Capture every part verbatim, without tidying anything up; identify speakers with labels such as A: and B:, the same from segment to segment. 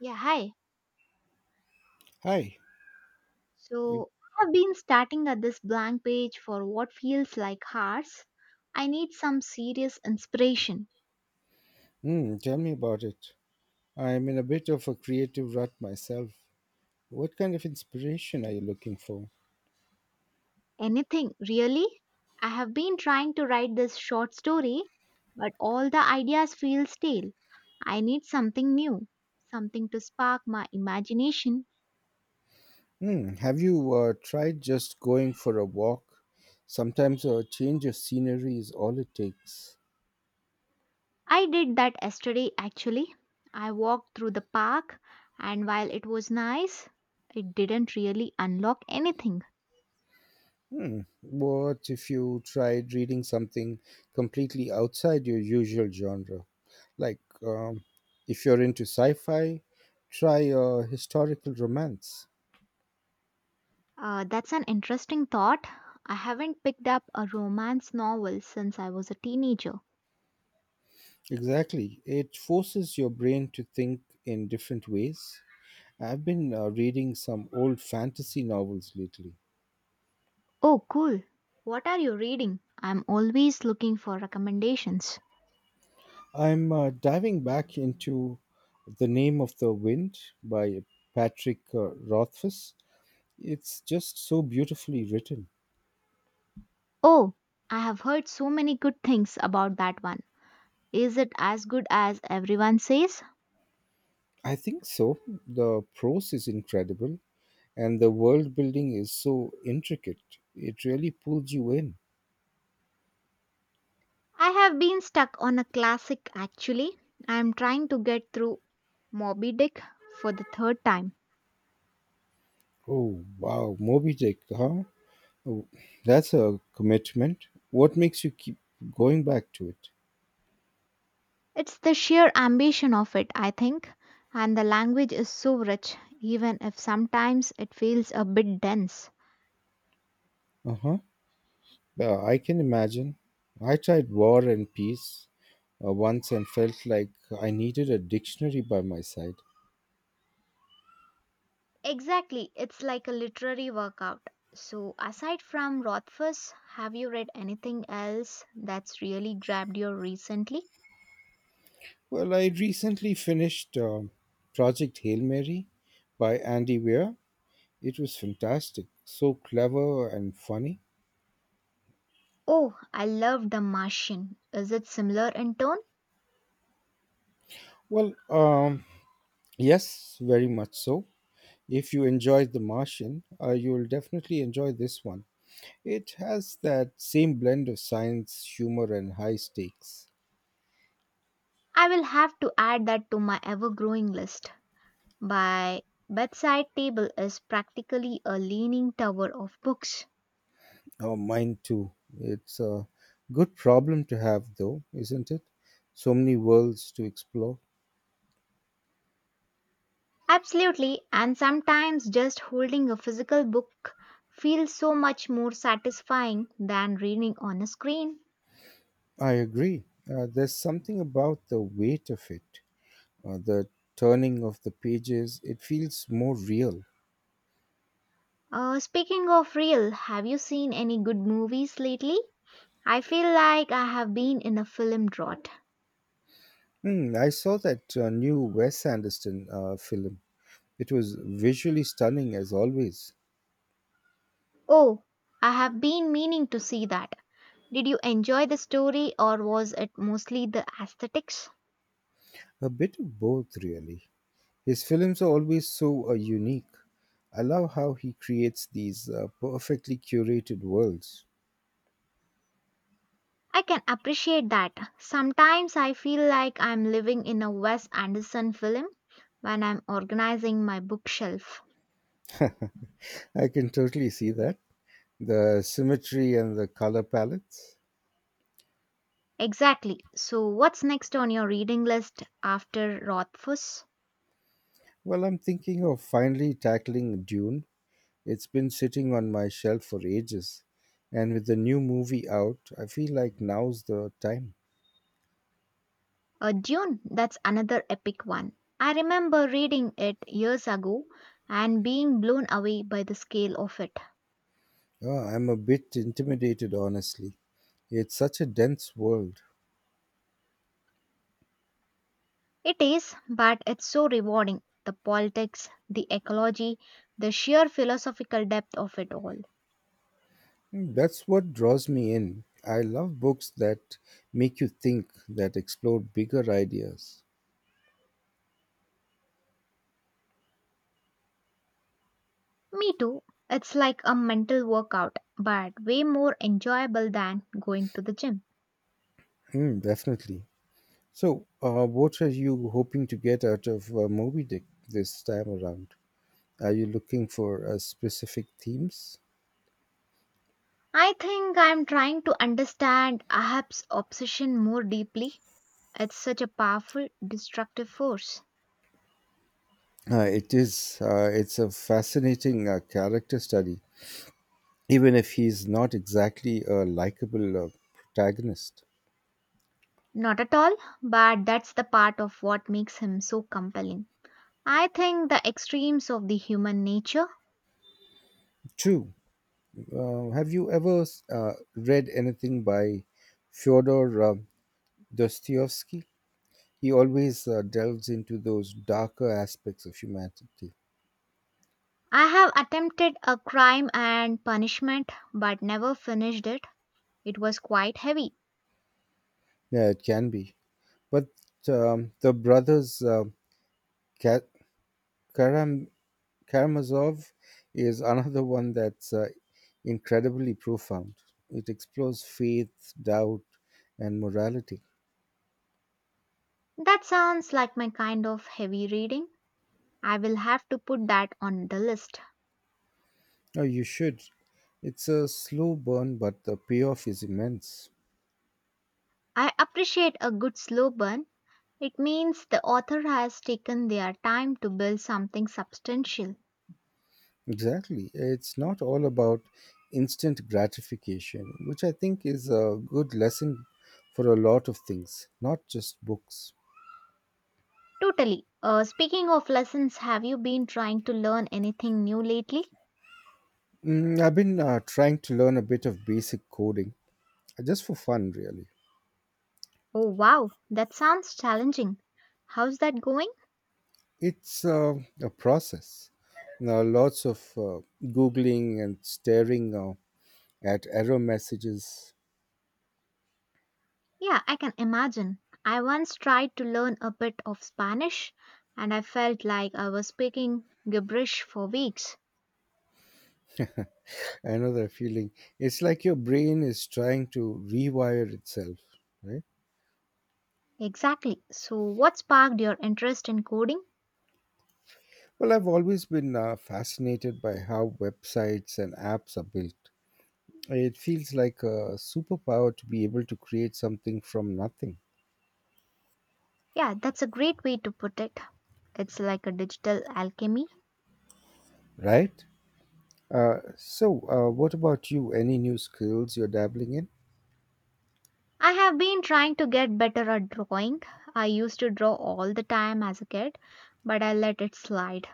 A: Yeah, hi.
B: Hi.
A: So I have been starting at this blank page for what feels like hours. I need some serious inspiration.
B: Hmm, tell me about it. I'm in a bit of a creative rut myself. What kind of inspiration are you looking for?
A: Anything, really? I have been trying to write this short story, but all the ideas feel stale. I need something new, something to spark my imagination.
B: Hmm, have you uh, tried just going for a walk? Sometimes a change of scenery is all it takes.
A: I did that yesterday actually. I walked through the park, and while it was nice, it didn't really unlock anything.
B: Hmm, what if you tried reading something completely outside your usual genre? Like, um, if you're into sci fi, try a historical romance.
A: Uh, that's an interesting thought. I haven't picked up a romance novel since I was a teenager.
B: Exactly. It forces your brain to think in different ways. I've been uh, reading some old fantasy novels lately.
A: Oh, cool. What are you reading? I'm always looking for recommendations.
B: I'm uh, diving back into The Name of the Wind by Patrick uh, Rothfuss. It's just so beautifully written.
A: Oh, I have heard so many good things about that one. Is it as good as everyone says?
B: I think so. The prose is incredible and the world building is so intricate. It really pulls you in.
A: I have been stuck on a classic actually. I am trying to get through Moby Dick for the third time.
B: Oh, wow. Moby Dick, huh? Oh, that's a commitment. What makes you keep going back to it?
A: It's the sheer ambition of it, I think. And the language is so rich, even if sometimes it feels a bit dense.
B: Uh huh. I can imagine. I tried War and Peace uh, once and felt like I needed a dictionary by my side.
A: Exactly, it's like a literary workout. So, aside from Rothfuss, have you read anything else that's really grabbed you recently?
B: Well, I recently finished um Project Hail Mary by Andy Weir. It was fantastic. So clever and funny.
A: Oh, I love The Martian. Is it similar in tone?
B: Well, um, yes, very much so. If you enjoyed The Martian, uh, you'll definitely enjoy this one. It has that same blend of science, humor, and high stakes.
A: I will have to add that to my ever growing list. My bedside table is practically a leaning tower of books.
B: Oh, mine too. It's a good problem to have, though, isn't it? So many worlds to explore.
A: Absolutely, and sometimes just holding a physical book feels so much more satisfying than reading on a screen.
B: I agree. Uh, there's something about the weight of it, uh, the turning of the pages. It feels more real.
A: Uh, speaking of real, have you seen any good movies lately? I feel like I have been in a film drought.
B: Hmm, I saw that uh, new Wes Anderson uh, film. It was visually stunning, as always.
A: Oh, I have been meaning to see that. Did you enjoy the story or was it mostly the aesthetics?
B: A bit of both, really. His films are always so uh, unique. I love how he creates these uh, perfectly curated worlds.
A: I can appreciate that. Sometimes I feel like I'm living in a Wes Anderson film when I'm organizing my bookshelf.
B: I can totally see that. The symmetry and the color palettes.
A: Exactly. So, what's next on your reading list after Rothfuss?
B: Well, I'm thinking of finally tackling Dune. It's been sitting on my shelf for ages. And with the new movie out, I feel like now's the time.
A: A Dune, that's another epic one. I remember reading it years ago and being blown away by the scale of it.
B: Oh, I'm a bit intimidated, honestly. It's such a dense world.
A: It is, but it's so rewarding. The politics, the ecology, the sheer philosophical depth of it all.
B: Mm, that's what draws me in. I love books that make you think, that explore bigger ideas.
A: Me too. It's like a mental workout, but way more enjoyable than going to the gym.
B: Mm, definitely. So, uh, what are you hoping to get out of uh, Moby Dick this time around? Are you looking for uh, specific themes?
A: I think I'm trying to understand Ahab's obsession more deeply. It's such a powerful, destructive force.
B: Uh, it is. Uh, it's a fascinating uh, character study, even if he's not exactly a likable uh, protagonist.
A: Not at all, but that's the part of what makes him so compelling. I think the extremes of the human nature.
B: True. Uh, have you ever uh, read anything by Fyodor uh, Dostoevsky? He always uh, delves into those darker aspects of humanity.
A: I have attempted a crime and punishment, but never finished it. It was quite heavy.
B: Yeah, it can be. But um, the brothers uh, Ka- Karam- Karamazov is another one that's uh, incredibly profound. It explores faith, doubt, and morality.
A: That sounds like my kind of heavy reading. I will have to put that on the list.
B: Oh, you should. It's a slow burn, but the payoff is immense.
A: I appreciate a good slow burn. It means the author has taken their time to build something substantial.
B: Exactly. It's not all about instant gratification, which I think is a good lesson for a lot of things, not just books.
A: Totally. Uh, speaking of lessons, have you been trying to learn anything new lately?
B: Mm, I've been uh, trying to learn a bit of basic coding, uh, just for fun, really.
A: Oh, wow, that sounds challenging. How's that going?
B: It's uh, a process. Now, lots of uh, Googling and staring uh, at error messages.
A: Yeah, I can imagine. I once tried to learn a bit of Spanish and I felt like I was speaking gibberish for weeks.
B: I know that feeling. It's like your brain is trying to rewire itself, right?
A: Exactly. So, what sparked your interest in coding?
B: Well, I've always been uh, fascinated by how websites and apps are built. It feels like a superpower to be able to create something from nothing,
A: Yeah, that's a great way to put it. It's like a digital alchemy.
B: right? Uh, so, uh, what about you? Any new skills you're dabbling in?
A: I have been trying to get better at drawing. I used to draw all the time as a kid, but I let it slide.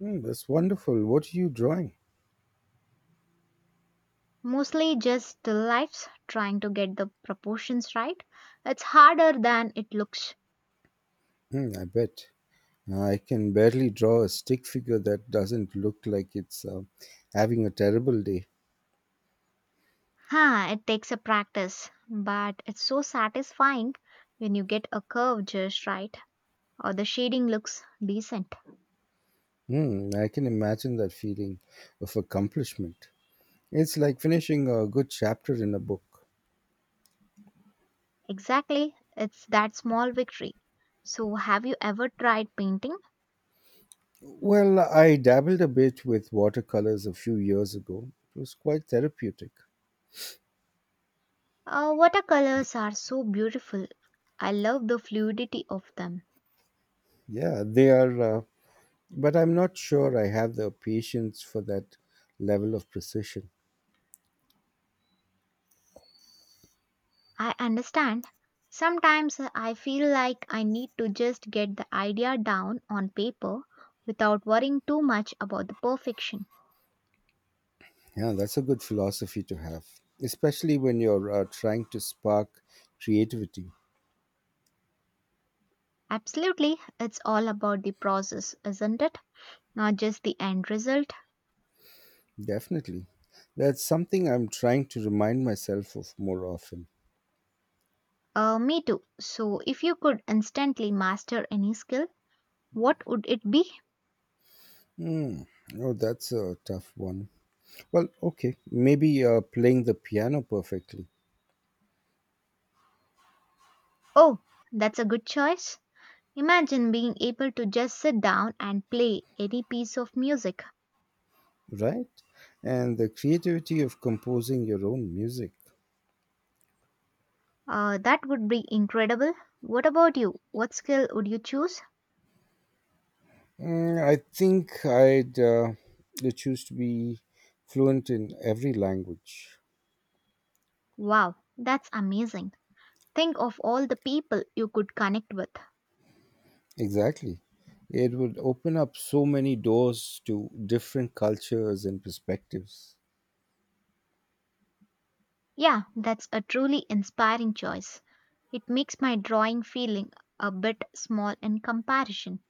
B: Hmm, that's wonderful. What are you drawing?
A: Mostly just still lifes, trying to get the proportions right. It's harder than it looks.
B: Hmm, I bet. I can barely draw a stick figure that doesn't look like it's uh, having a terrible day.
A: Huh, it takes a practice, but it's so satisfying when you get a curve just right or the shading looks decent.
B: Hmm, I can imagine that feeling of accomplishment. It's like finishing a good chapter in a book.
A: Exactly, it's that small victory. So, have you ever tried painting?
B: Well, I dabbled a bit with watercolors a few years ago. It was quite therapeutic.
A: Uh, watercolors are so beautiful. I love the fluidity of them.
B: Yeah, they are, uh, but I'm not sure I have the patience for that level of precision.
A: I understand. Sometimes I feel like I need to just get the idea down on paper without worrying too much about the perfection.
B: Yeah, that's a good philosophy to have, especially when you're uh, trying to spark creativity.
A: Absolutely, it's all about the process, isn't it? Not just the end result.
B: Definitely. That's something I'm trying to remind myself of more often.
A: Uh, me too. So, if you could instantly master any skill, what would it be?
B: Hmm. Oh, that's a tough one. Well, okay. Maybe uh, playing the piano perfectly.
A: Oh, that's a good choice. Imagine being able to just sit down and play any piece of music.
B: Right? And the creativity of composing your own music.
A: Uh, that would be incredible. What about you? What skill would you choose?
B: Mm, I think I'd uh, choose to be fluent in every language.
A: Wow, that's amazing. Think of all the people you could connect with.
B: Exactly. It would open up so many doors to different cultures and perspectives.
A: Yeah, that's a truly inspiring choice. It makes my drawing feeling a bit small in comparison.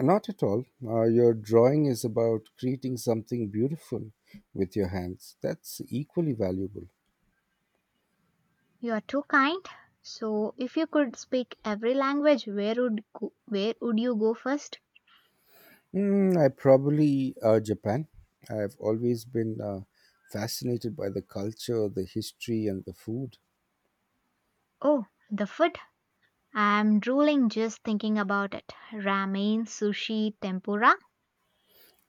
B: Not at all. Uh, your drawing is about creating something beautiful with your hands. That's equally valuable.
A: You are too kind. So, if you could speak every language, where would go, where would you go first?
B: Mm, I probably uh, Japan. I've always been uh, fascinated by the culture, the history, and the food.
A: Oh, the food? I'm drooling just thinking about it. Ramen, sushi, tempura.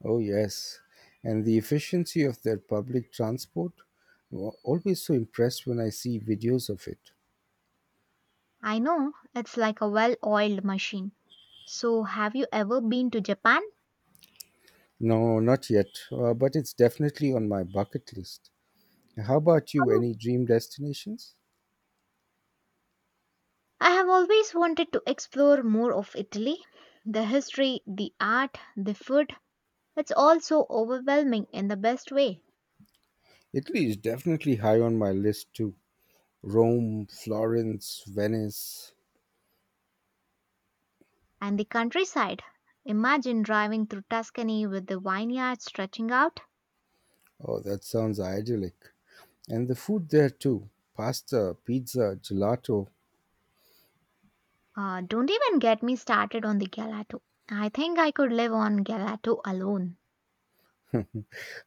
B: Oh, yes. And the efficiency of their public transport. Wa- Always so impressed when I see videos of it.
A: I know, it's like a well oiled machine. So, have you ever been to Japan?
B: No, not yet, uh, but it's definitely on my bucket list. How about you?
A: Oh,
B: Any dream destinations?
A: I have always wanted to explore more of Italy. The history, the art, the food. It's all so overwhelming in the best way.
B: Italy is definitely high on my list too. Rome, Florence, Venice.
A: And the countryside. Imagine driving through Tuscany with the vineyards stretching out.
B: Oh, that sounds idyllic. And the food there too, pasta, pizza, gelato.
A: Uh, don't even get me started on the gelato. I think I could live on gelato alone.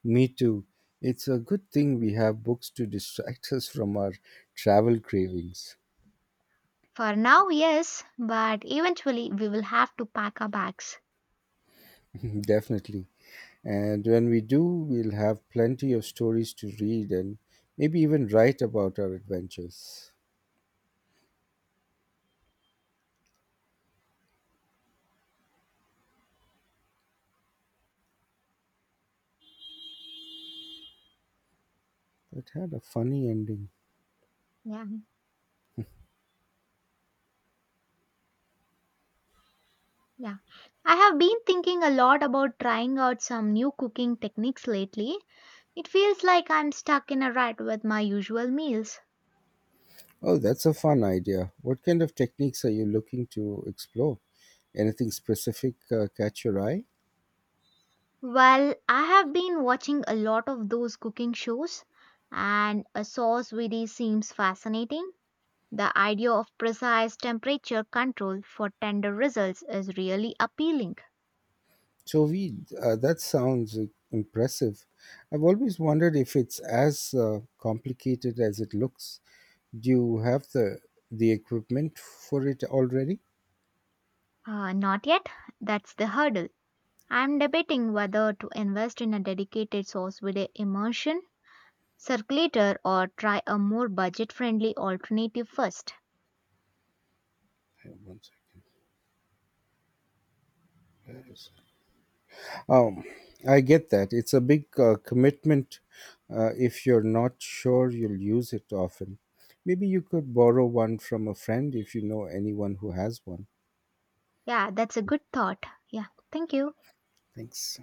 B: Me too. It's a good thing we have books to distract us from our travel cravings.
A: For now, yes, but eventually we will have to pack our bags.
B: Definitely. And when we do, we'll have plenty of stories to read and maybe even write about our adventures. That had a funny ending.
A: Yeah, yeah. I have been thinking a lot about trying out some new cooking techniques lately. It feels like I'm stuck in a rut with my usual meals.
B: Oh, that's a fun idea. What kind of techniques are you looking to explore? Anything specific uh, catch your eye?
A: Well, I have been watching a lot of those cooking shows, and a sauce video seems fascinating. The idea of precise temperature control for tender results is really appealing.
B: Jovi, uh, that sounds uh, impressive. I've always wondered if it's as uh, complicated as it looks. Do you have the the equipment for it already?
A: Uh, not yet, that's the hurdle. I'm debating whether to invest in a dedicated sauce with a immersion circulator or try a more budget friendly alternative first.
B: Hang on. One second. That is- Um, I get that. It's a big uh, commitment uh, if you're not sure you'll use it often. Maybe you could borrow one from a friend if you know anyone who has one.
A: Yeah, that's a good thought. Yeah, thank you.
B: Thanks.